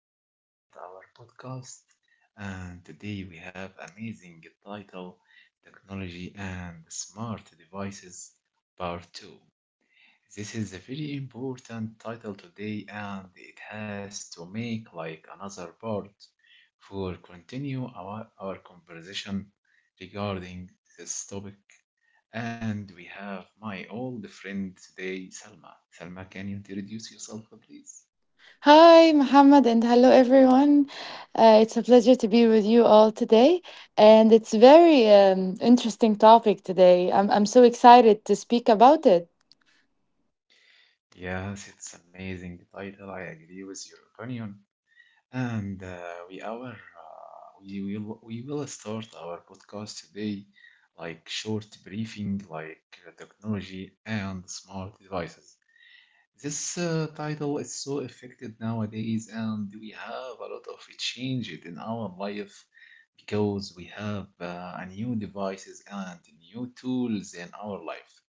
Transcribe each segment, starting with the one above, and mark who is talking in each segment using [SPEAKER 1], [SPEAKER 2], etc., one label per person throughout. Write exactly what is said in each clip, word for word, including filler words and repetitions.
[SPEAKER 1] we're gonna start our podcast, and today we have amazing title, Technology and Smart Devices Part two. This is a very important title today and it has to make like another part for continue our, our conversation regarding this topic, and we have my old friend today, Salma. Salma, can you introduce yourself please?
[SPEAKER 2] Hi, Muhammad, and hello, everyone. Uh, it's a pleasure to be with you all today, and it's very um, interesting topic today. I'm I'm so excited to speak about it.
[SPEAKER 1] Yes, it's amazing title. I agree with your opinion. And uh, we our uh, we will we will start our podcast today, like short briefing, like uh, technology and smart devices. This uh, title is so affected nowadays, and we have a lot of changes in our life because we have uh, a new devices and new tools in our life.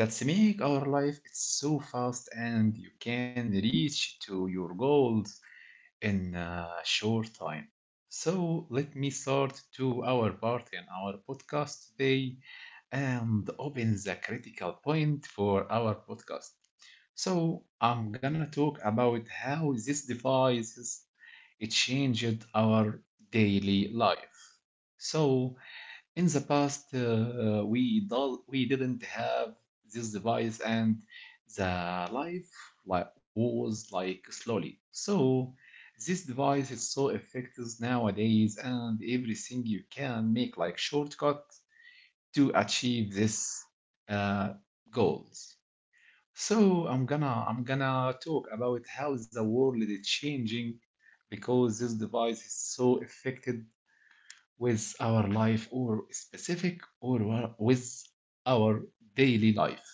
[SPEAKER 1] That's make our life it's so fast and you can reach to your goals in a short time. So let me start to our part in our podcast today and open the critical point for our podcast. So I'm gonna talk about how these devices it changed our daily life. So in the past, uh, uh, we do we didn't have this device, and the life like was like slowly. So this device is so effective nowadays, and everything you can make like shortcut to achieve this uh, goals. So I'm gonna I'm gonna talk about how the world is changing because this device is so affected with our life or specific or with our daily life.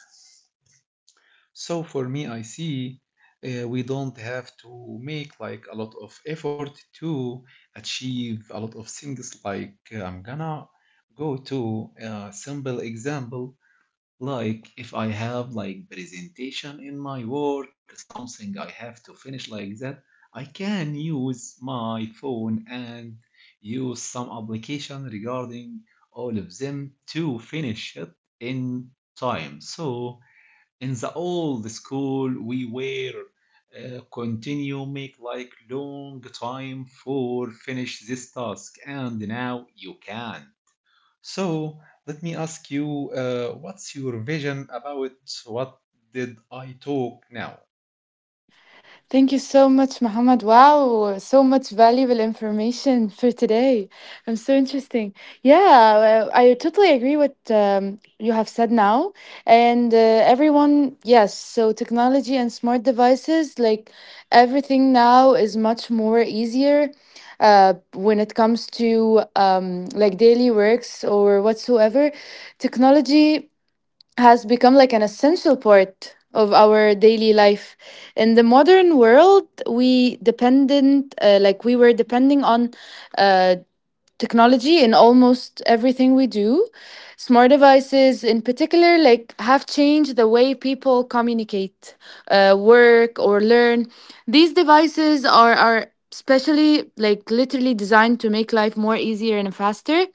[SPEAKER 1] So for me, I see uh, we don't have to make like a lot of effort to achieve a lot of things. Like uh, I'm gonna go to a simple example. Like if I have like presentation in my work, something I have to finish like that, I can use my phone and use some application regarding all of them to finish it in time. So in the old school, we were uh, continue make like long time for finish this task, and now you can. So let me ask you, uh, what's your vision about what did I talk now?
[SPEAKER 2] Thank you so much, Muhammad. Wow, so much valuable information for today. I'm so interesting. Yeah, well, I totally agree with um, you have said now. And uh, everyone, yes, so technology and smart devices, like everything now is much more easier uh, when it comes to um, like daily works or whatsoever. Technology has become like an essential part of our daily life in the modern world we dependent uh, like we were depending on uh, technology in almost everything we do. Smart devices in particular like have changed the way people communicate, uh, work or learn. These devices are are especially like literally designed to make life more easier and faster.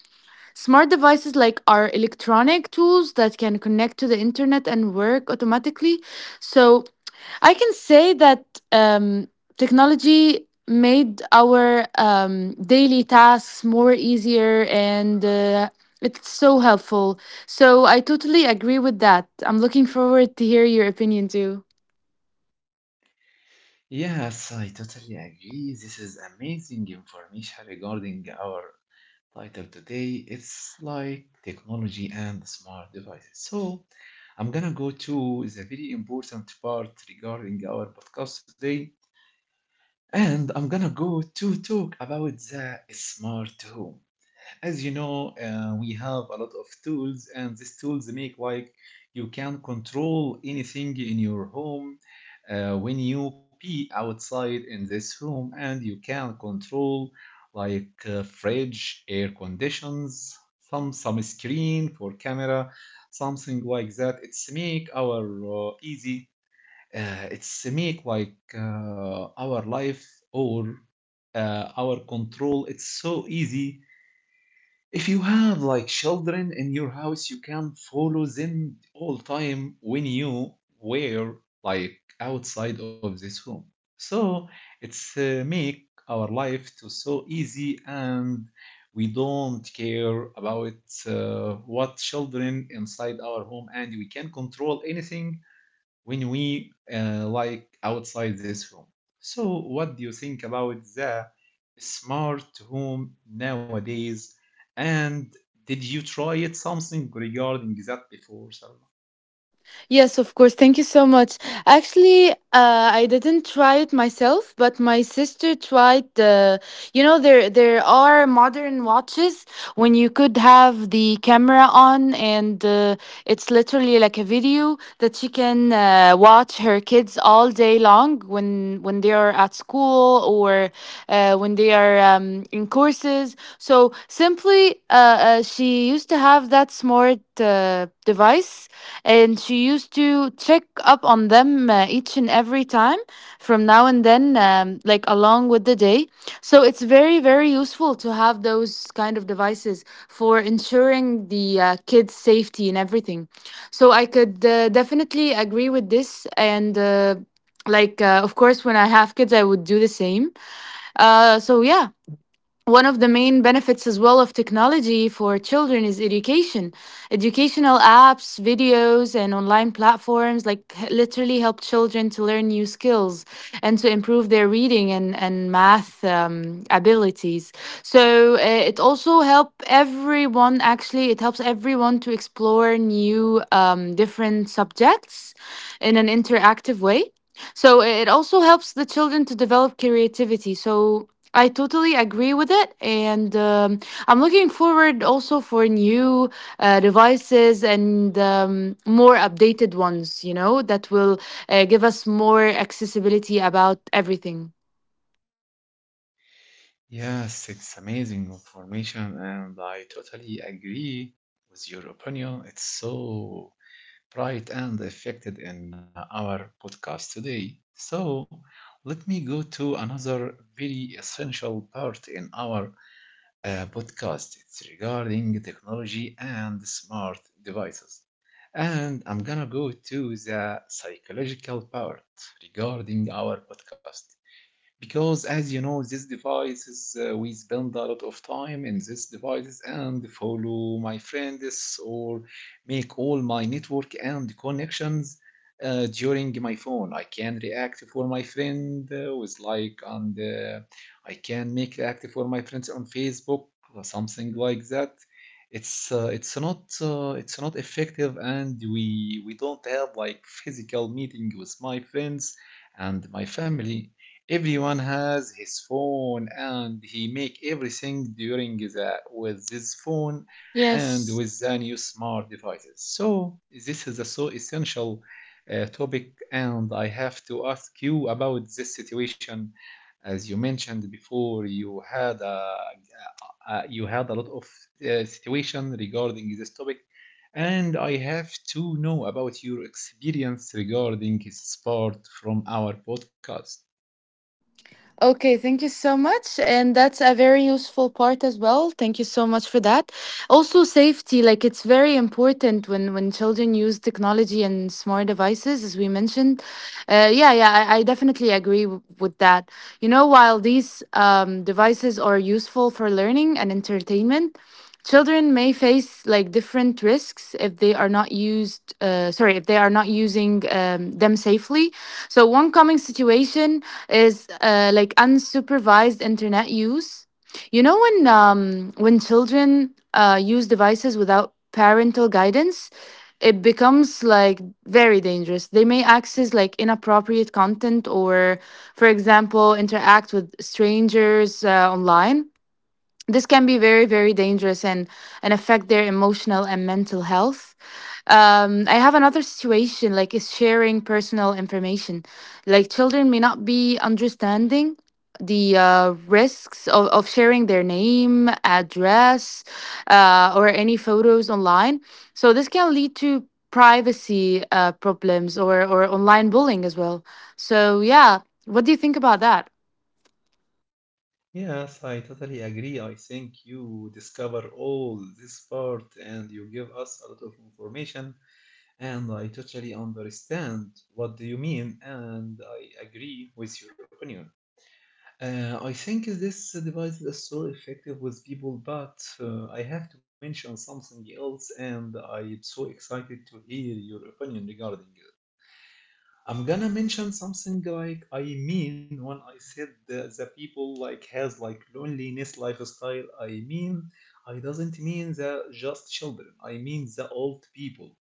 [SPEAKER 2] Smart devices like are electronic tools that can connect to the internet and work automatically. So I can say that um, technology made our um, daily tasks more easier and uh, it's so helpful. So I totally agree with that. I'm looking forward to hear your opinion too.
[SPEAKER 1] Yes, I totally agree. This is amazing information regarding our title today. It's like technology and smart devices. So I'm gonna go to the very important part regarding our podcast today, and I'm gonna go to talk about the smart home. As you know, uh, we have a lot of tools, and these tools make like you can control anything in your home. Uh, when you be outside in this room, and you can control like uh, fridge, air conditions, some some screen for camera, something like that. It's make our uh, easy. Uh, it's make like uh, our life or uh, our control. It's so easy if you have like children in your house, you can follow them all time when you were like outside of this home. So it's uh, make our life to so easy, and we don't care about uh, what children inside our home, and we can control anything when we uh, like outside this room. So, what do you think about the smart home nowadays? And did you try it something regarding that before, Salma?
[SPEAKER 2] Yes, of course. Thank you so much. Actually, uh, I didn't try it myself, but my sister tried the. You know, there there are modern watches when you could have the camera on and uh, it's literally like a video that she can uh, watch her kids all day long when when they are at school or uh, when they are um, in courses. So simply, uh, uh, she used to have that smart uh, device, and she used to check up on them uh, each and every time from now and then, um, like along with the day. So it's very, very useful to have those kind of devices for ensuring the uh, kids' safety and everything. So I could uh, definitely agree with this. And uh, like, uh, of course, when I have kids, I would do the same. Uh, so yeah, one of the main benefits as well of technology for children is education. Educational apps, videos, and online platforms like h- literally help children to learn new skills and to improve their reading and, and math um, abilities. So uh, it also help everyone, actually it helps everyone to explore new um, different subjects in an interactive way. So it also helps the children to develop creativity. So I totally agree with it, and um, I'm looking forward also for new uh, devices and um, more updated ones. You know that will uh, give us more accessibility about everything.
[SPEAKER 1] Yes, it's amazing information, and I totally agree with your opinion. It's so bright and affected in uh, our podcast today. So, let me go to another very essential part in our a podcast. It's regarding technology and smart devices. And I'm gonna go to the psychological part regarding our podcast. Because as you know, these devices, uh, we spend a lot of time in these devices and follow my friends or make all my network and connections uh, during my phone. I can react for my friend uh, with like, and uh, I can make react for my friends on Facebook or something like that. It's uh, it's not uh, it's not effective, and we we don't have like physical meeting with my friends and my family. Everyone has his phone and he make everything during the with this phone and
[SPEAKER 2] Yes.
[SPEAKER 1] with the new smart devices. So this is a so essential uh, topic, and I have to ask you about this situation. As you mentioned before, you had a, uh, you had a lot of uh, situation regarding this topic, and I have to know about your experience regarding this part from our podcast.
[SPEAKER 2] Okay, thank you so much. And that's a very useful part as well. Thank you so much for that. Also, safety, like it's very important when when children use technology and smart devices, as we mentioned. Uh, yeah, yeah, I, I definitely agree w- with that. You know, while these um, devices are useful for learning and entertainment, children may face like different risks if they are not used, uh, sorry, if they are not using um, them safely. So, one common situation is uh, like unsupervised internet use. You know when um, when children uh, use devices without parental guidance, it becomes like very dangerous. They may access like inappropriate content or, for example, interact with strangers uh, online. This can be very, very dangerous and and affect their emotional and mental health. um I have another situation like is sharing personal information. Like children may not be understanding the uh, risks of, of sharing their name, address, uh, or any photos online. So this can lead to privacy uh, problems or or online bullying as well. So yeah, what do you think about that?
[SPEAKER 1] Yes, I totally agree. I think you discover all this part and you give us a lot of information, and I totally understand what do you mean, and I agree with your opinion. Uh, I think this device is so effective with people, but uh, I have to mention something else, and I'm so excited to hear your opinion regarding it. I'm gonna mention something like I mean when I said the, the people like has like loneliness lifestyle. I mean I doesn't mean the just children. I mean the old people,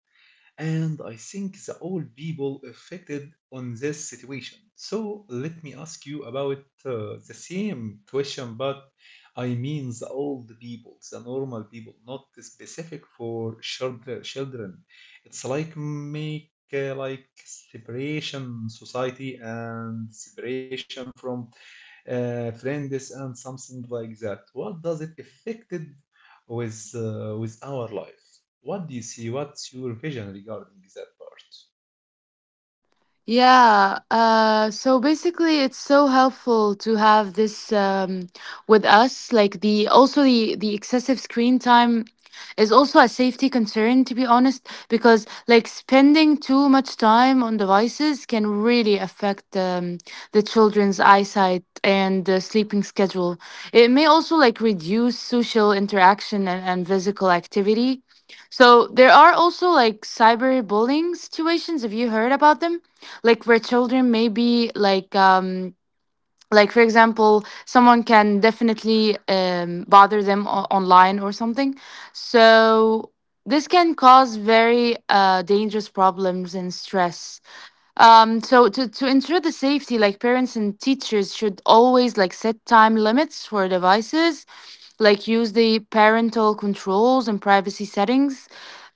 [SPEAKER 1] and I think the old people affected on this situation. So let me ask you about uh, the same question, but I mean the old people, the normal people, not specific for children. Children, it's like make uh, like separation society and separation from uh, friends and something like that. What does it affected with uh, with our life? What do you see? What's your vision regarding that part?
[SPEAKER 2] Yeah, uh, so basically it's so helpful to have this um, with us. Like the also the the excessive screen time is also a safety concern, to be honest, because like spending too much time on devices can really affect um, the children's eyesight and uh, sleeping schedule. It may also like reduce social interaction and, and physical activity. So there are also like cyberbullying situations. Have you heard about them? Like where children maybe like um like for example someone can definitely um bother them o- online or something. So this can cause very uh dangerous problems and stress. Um, so, to, to ensure the safety, like parents and teachers should always like set time limits for devices, like use the parental controls and privacy settings.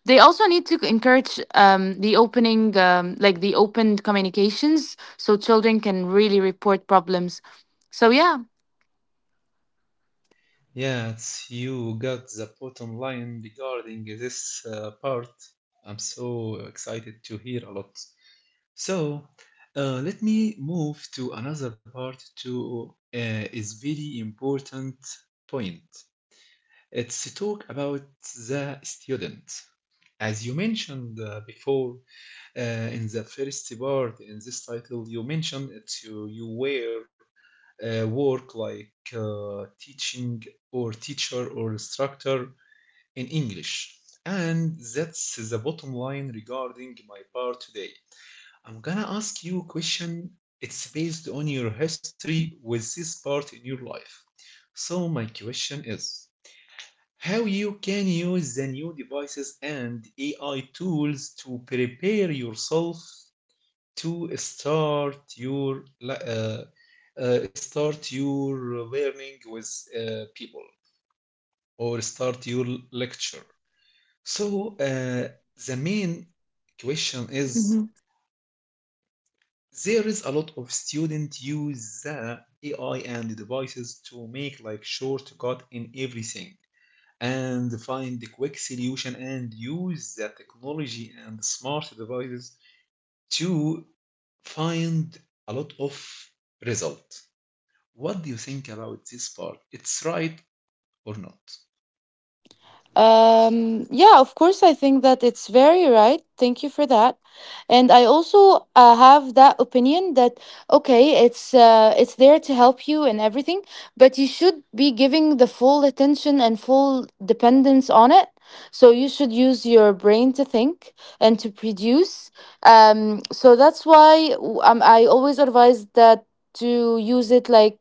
[SPEAKER 2] They also need to encourage um, the opening, um, like the open communications, so children can really report problems. So yeah.
[SPEAKER 1] Yeah, it's you got the bottom line regarding this uh, part. I'm so excited to hear a lot. So, uh, let me move to another part to uh, is very important point. It's to talk about the student. As you mentioned uh, before, Uh, in the first part, in this title, you mentioned that you, you were uh, work like uh, teaching or teacher or instructor in English. And that's the bottom line regarding my part today. I'm gonna ask you a question. It's based on your history with this part in your life. So my question is how you can use the new devices and A I tools to prepare yourself to start your uh, uh, start your learning with uh, people or start your lecture. So uh, the main question is there is a lot of students use the A I and devices to make like shortcut in everything and find the quick solution and use the technology and smart devices to find a lot of result. What do you think about this part? It's right or not?
[SPEAKER 2] Um, yeah, of course, I think that it's very right. Thank you for that. And I also uh, have that opinion that okay, it's uh, it's there to help you and everything, but you should be giving the full attention and full dependence on it. So you should use your brain to think and to produce. Um, so that's why w- um, I always advise that to use it like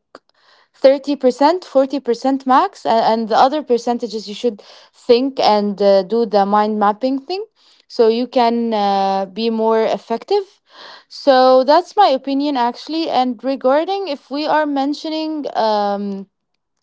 [SPEAKER 2] thirty percent forty percent max and, and the other percentages you should think and uh, do the mind mapping thing so you can uh, be more effective. So that's my opinion actually. And regarding if we are mentioning um,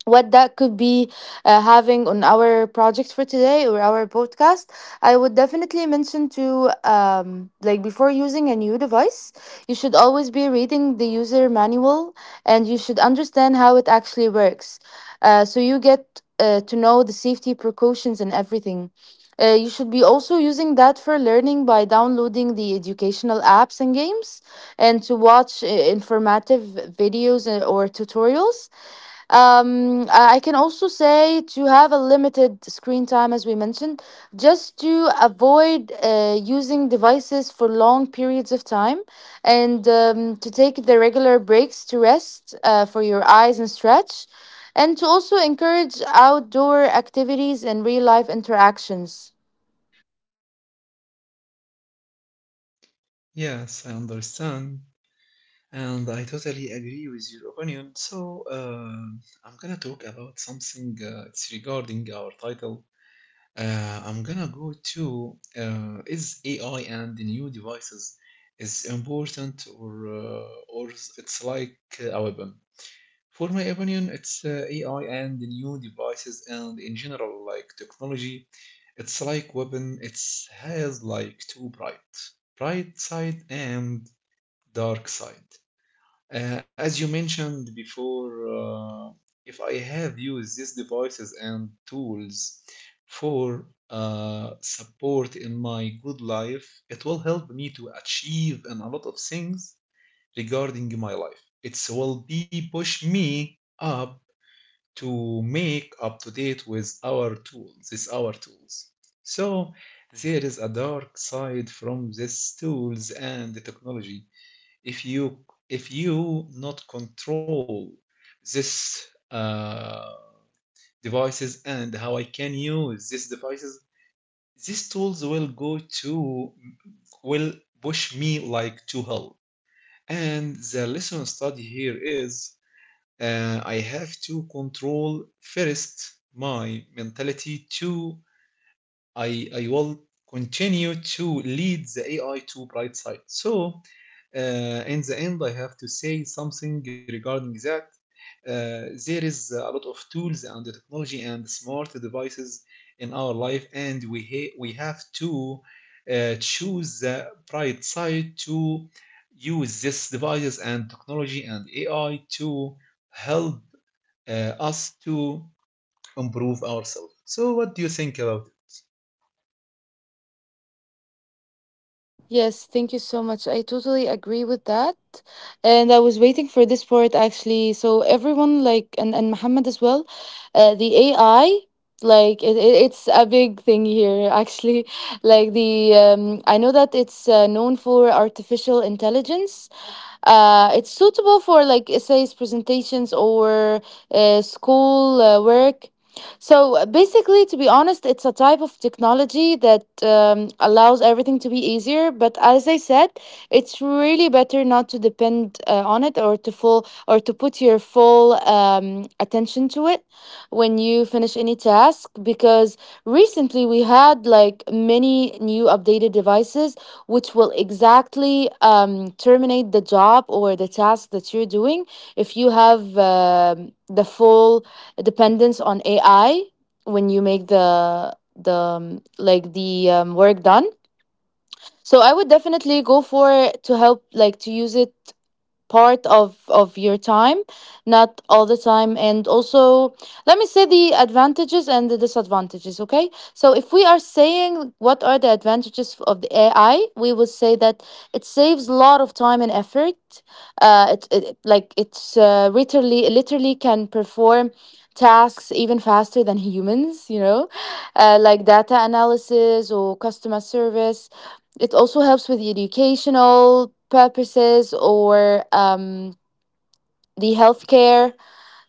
[SPEAKER 2] what that could be uh, having on our project for today or our podcast, I would definitely mention to um, like before using a new device, you should always be reading the user manual and you should understand how it actually works, uh, so you get uh, to know the safety precautions and everything. Uh, you should be also using that for learning by downloading the educational apps and games and to watch uh, informative videos uh, or tutorials. um, I can also say to have a limited screen time, as we mentioned, just to avoid uh, using devices for long periods of time and um, to take the regular breaks to rest uh, for your eyes and stretch, and to also encourage outdoor activities and real life interactions.
[SPEAKER 1] Yes, I understand, and I totally agree with your opinion. So, um I'm gonna talk about something uh, it's regarding our title. Uh, I'm gonna go to uh, is A I and the new devices is important or uh, or it's like a weapon? For my opinion, it's uh, A I and the new devices and in general like technology. It's like weapon. It's has like two bright, bright side and dark side. Uh, as you mentioned before, uh, if I have used these devices and tools for uh, support in my good life, it will help me to achieve in a lot of things regarding my life. It will be push me up to make up to date with our tools, these our tools. So there is a dark side from these tools and the technology. If you if you not control this uh, devices and how I can use these devices, these tools will go to will push me like to hell. And the lesson study here is uh, I have to control first my mentality to I, I will continue to lead the A I to bright side. So uh, in the end, I have to say something regarding that. Uh, there is a lot of tools and technology and smart devices in our life, and we ha- we have to uh, choose the bright side to use these devices and technology and A I to help uh, us to improve ourselves. So, what do you think about it?
[SPEAKER 2] Yes, thank you so much. I totally agree with that. And I was waiting for this part actually. So everyone like and, and Muhammad as well, uh, the A I like it, it, it's a big thing here actually like the um, I know that it's uh, known for artificial intelligence. Uh, it's suitable for like essays, presentations or uh, school uh, work. So uh, basically, to be honest, it's a type of technology that um, allows everything to be easier. But as I said, it's really better not to depend uh, on it or to full or to put your full um, attention to it when you finish any task. Because recently we had like many new updated devices which will exactly um, terminate the job or the task that you're doing if you have um the full dependence on A I when you make the the um, like the um, work done. So I would definitely go for to help like to use it part of of your time, not all the time. And also let me say the advantages and the disadvantages. Okay, so if we are saying what are the advantages of the AI, we will say that it saves a lot of time and effort. uh it, it like it's uh, literally literally can perform tasks even faster than humans, you know, uh, like data analysis or customer service. It also helps with the educational purposes or um, the healthcare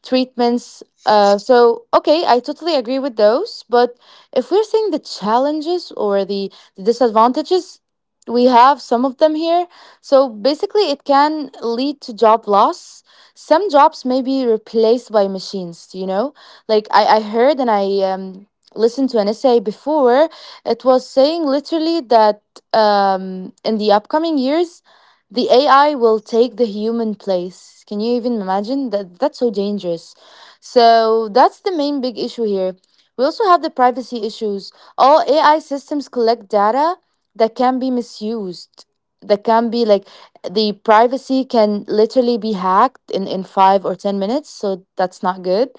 [SPEAKER 2] treatments. Uh, so okay, I totally agree with those. But if we're seeing the challenges or the, the disadvantages, we have some of them here. So basically, it can lead to job loss. Some jobs may be replaced by machines. You know, like I I heard and I um listened to an essay before. It was saying literally that um in the upcoming years the A I will take the human place. Can you even imagine that? That's so dangerous. So that's the main big issue here. We also have the privacy issues. All A I systems collect data that can be misused. That can be like the privacy can literally be hacked in in five or ten minutes, so that's not good.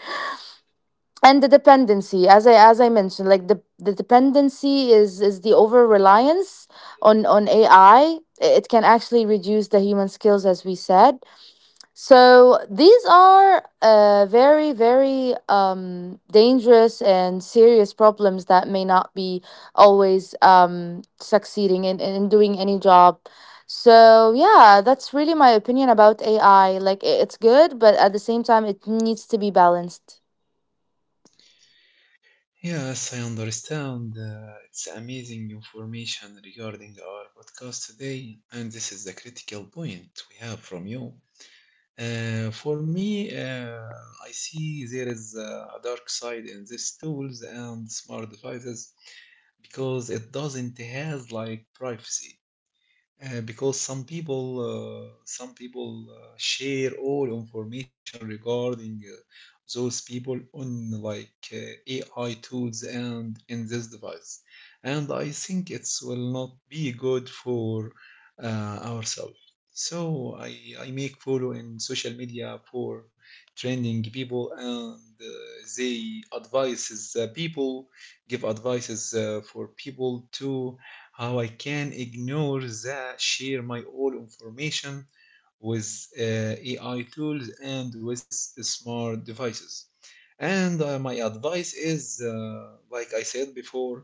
[SPEAKER 2] And the dependency, as i as i mentioned, like the the dependency is is the over reliance on on AI, it can actually reduce the human skills, as we said. So these are uh, very, very um, dangerous and serious problems that may not be always um, succeeding in, in doing any job. So yeah, that's really my opinion about AI, like i- it's good but at the same time it needs to be balanced.
[SPEAKER 1] Yes, I understand. Uh, it's amazing information regarding our podcast today, and this is the critical point we have from you. Uh, for me, uh, I see there is uh, a dark side in these tools and smart devices because it doesn't has like privacy. Uh, because some people uh, some people uh, share all information regarding uh, those people on like uh, A I tools and in this device, and I think it will not be good for uh, ourselves. So I, I make follow in social media for trending people, and uh, they advises uh, people give advices uh, for people to how I can ignore the share my all information with uh, A I tools and with smart devices. And uh, my advice is, uh, like I said before,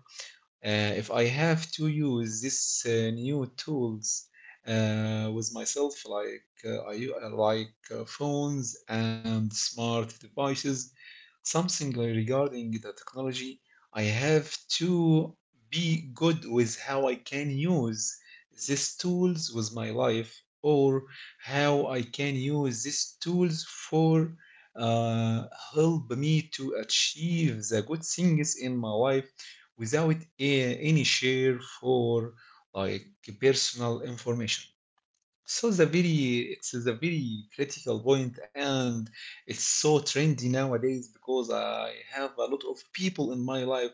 [SPEAKER 1] uh, if I have to use this uh, new tools uh, with myself, like uh, I u- uh, like uh, phones and smart devices, something like regarding the technology, I have to be good with how I can use these tools with my life, or how I can use these tools for uh, help me to achieve the good things in my life without a- any share for like personal information. So the very it's a very critical point, and it's so trendy nowadays because I have a lot of people in my life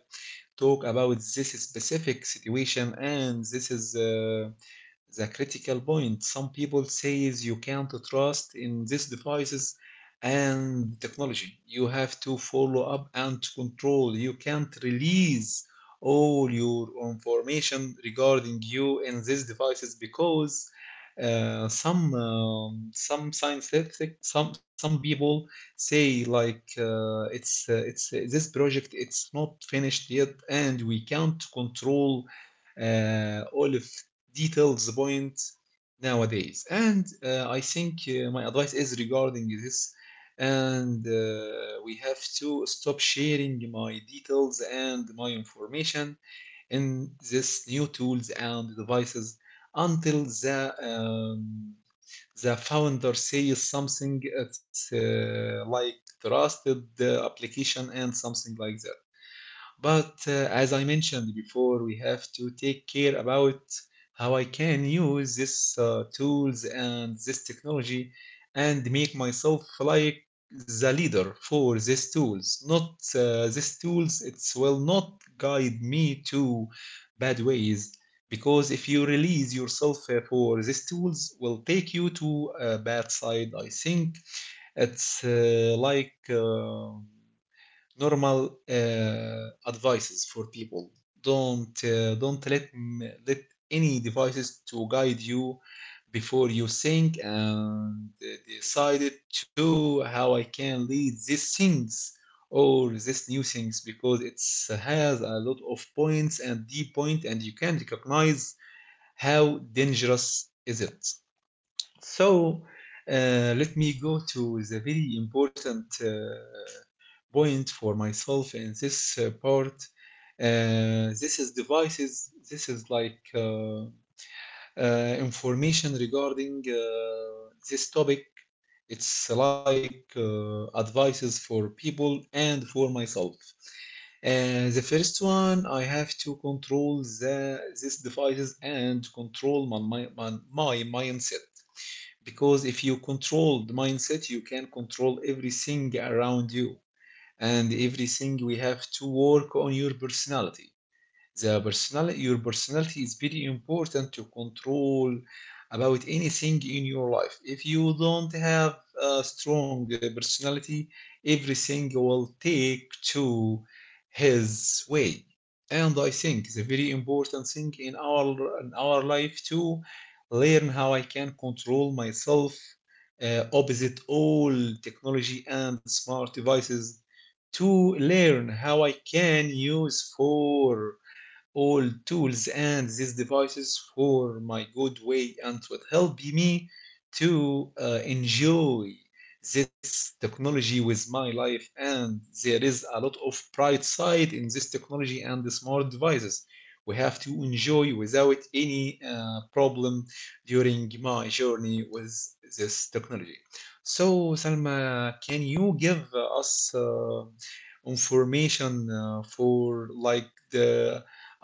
[SPEAKER 1] talk about this specific situation, and this is uh, the critical point. Some people says you can't trust in these devices and technology. You have to follow up and control. You can't release all your information regarding you in these devices because uh, some um, some scientific some some people say like uh, it's uh, it's uh, this project it's not finished yet, and we can't control uh, all of details the point nowadays. And uh, I think uh, my advice is regarding this. And uh, we have to stop sharing my details and my information in this new tools and devices until the um, the founder says something it's uh, like trusted uh, application and something like that. But uh, as I mentioned before, we have to take care about how I can use this uh, tools and this technology, and make myself like the leader for these tools. Not uh, these tools, it will not guide me to bad ways, because if you release yourself uh, for these tools will take you to a bad side. I think it's uh, like uh, normal uh, advices for people. Don't uh, don't let let any devices to guide you before you think and uh, decided to how I can lead these things or these new things, because it has a lot of points and deep point, and you can recognize how dangerous is it. So uh, let me go to the very important uh, point for myself in this uh, part. Uh, this is devices. This is like uh, uh, information regarding uh, this topic. It's like uh, advices for people and for myself. Uh, the first one, I have to control the these devices and control my, my, my, my mindset. Because if you control the mindset, you can control everything around you, and everything we have to work on your personality. The personal your personality is very important to control about anything in your life. If you don't have a strong uh, personality, everything will take to his way. And I think it's a very important thing in our in our life to learn how I can control myself uh, opposite all technology and smart devices, to learn how I can use for all tools and these devices for my good way, and will help me to uh, enjoy this technology with my life. And there is a lot of bright side in this technology and the smart devices. We have to enjoy without any uh, problem during my journey with this technology. So, Salma, can you give us uh, information uh, for like the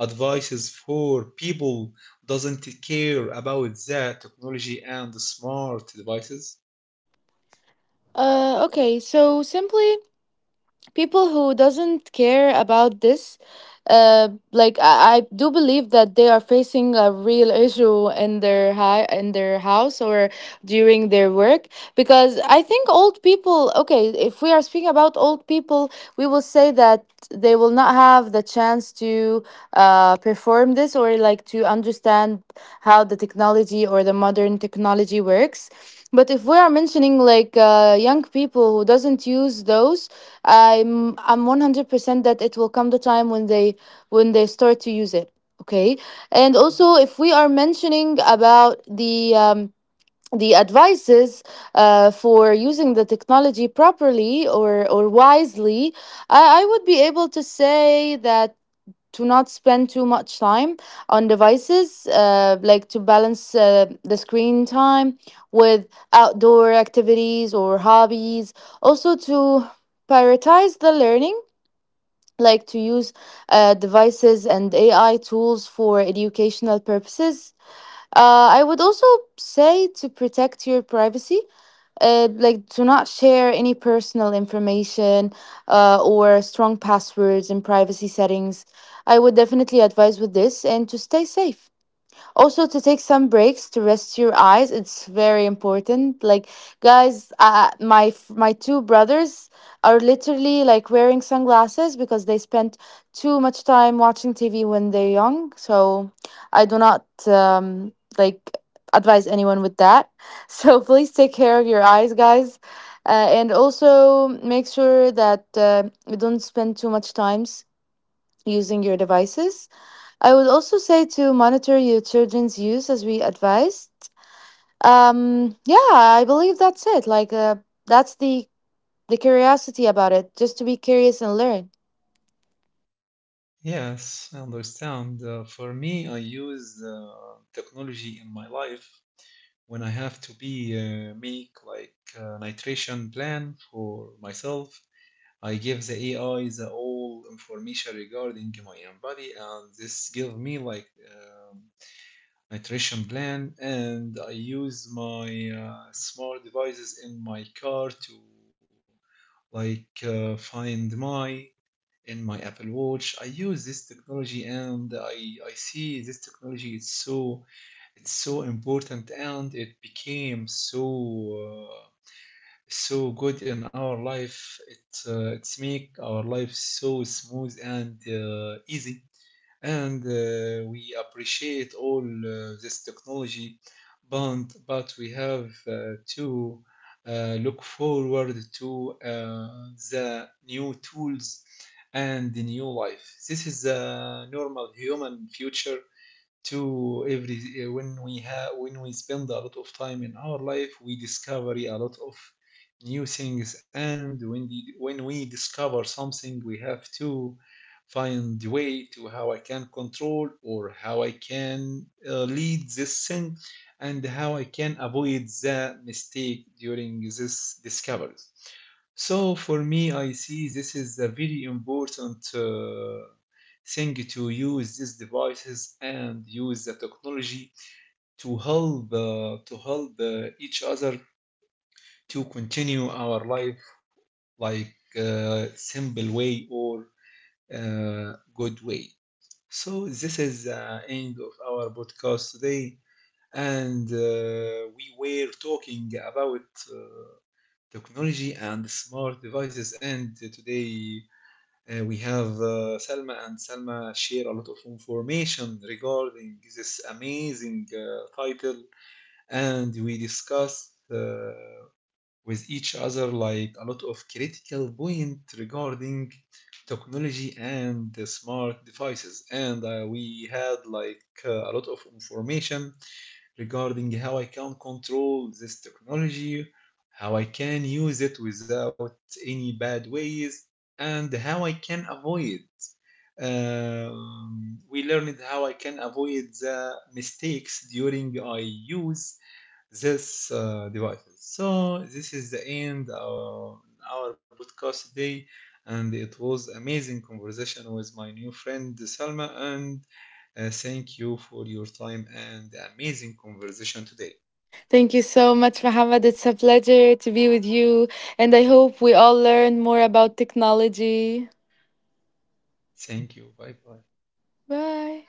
[SPEAKER 1] advices for people who doesn't care about that technology and the smart devices?
[SPEAKER 2] Uh, okay, so simply people who doesn't care about this, uh like I, I do believe that they are facing a real issue in their hi- in their house or during their work. Because I think old people, okay, if we are speaking about old people, we will say that they will not have the chance to uh, perform this or like to understand how the technology or the modern technology works. But if we are mentioning like uh, young people who doesn't use those, I'm I'm one hundred percent that it will come the time when they when they start to use it. Okay, and also if we are mentioning about the um, the advices uh, for using the technology properly or or wisely, I, I would be able to say that to not spend too much time on devices, uh, like to balance uh, the screen time with outdoor activities or hobbies. Also, to prioritize the learning, like to use uh, devices and A I tools for educational purposes. Uh, I would also say to protect your privacy, uh, like do not share any personal information, uh, or strong passwords in privacy settings. I would definitely advise with this and to stay safe. Also to take some breaks to rest your eyes, it's very important. Like guys, uh, my f- my two brothers are literally like wearing sunglasses because they spent too much time watching TV when they're young. So I do not um, like advise anyone with that. So please take care of your eyes, guys. Uh, and also make sure that uh, you don't spend too much times using your devices. I would also say to monitor your children's use, as we advised. Um, yeah, I believe that's it. Like, uh, that's the the curiosity about it, just to be curious and learn.
[SPEAKER 1] Yes, I understand. uh, for me, I use uh, technology in my life. When I have to be uh, make like a nitration plan for myself, I give the A I the all information regarding my own body, and this give me like um, nutrition plan. And I use my uh, smart devices in my car to like uh, Find My in my Apple Watch. I use this technology, and I I see this technology is so, it's so important, and it became so. Uh, so good in our life. it uh, it's make our life so smooth and uh, easy, and uh, we appreciate all uh, this technology, but but we have uh, to uh, look forward to uh, the new tools and the new life. This is the normal human future to every uh, when we have when we spend a lot of time in our life, we discover a lot of new things. And when the, when we discover something, we have to find way to how I can control or how I can uh, lead this thing, and how I can avoid the mistake during this discovery. So for me, I see this is a very important uh, thing to use these devices and use the technology to help uh, to help uh, each other to continue our life like uh, simple way or uh, good way. So this is the end of our podcast today, and uh, we were talking about uh, technology and smart devices. And today Uh, we have uh, Salma, and Salma share a lot of information regarding this amazing uh, title, and we discussed uh, with each other like a lot of critical point regarding technology and the smart devices. And uh, we had like uh, a lot of information regarding how I can control this technology, how I can use it without any bad ways, and how I can avoid. Um, we learned how I can avoid the mistakes during I use this uh, devices. So this is the end of our podcast today, and it was amazing conversation with my new friend Salma. And uh, thank you for your time and amazing conversation today.
[SPEAKER 2] Thank you so much, Mohammed. It's a pleasure to be with you, and I hope we all learn more about technology.
[SPEAKER 1] Thank you. Bye bye.
[SPEAKER 2] Bye.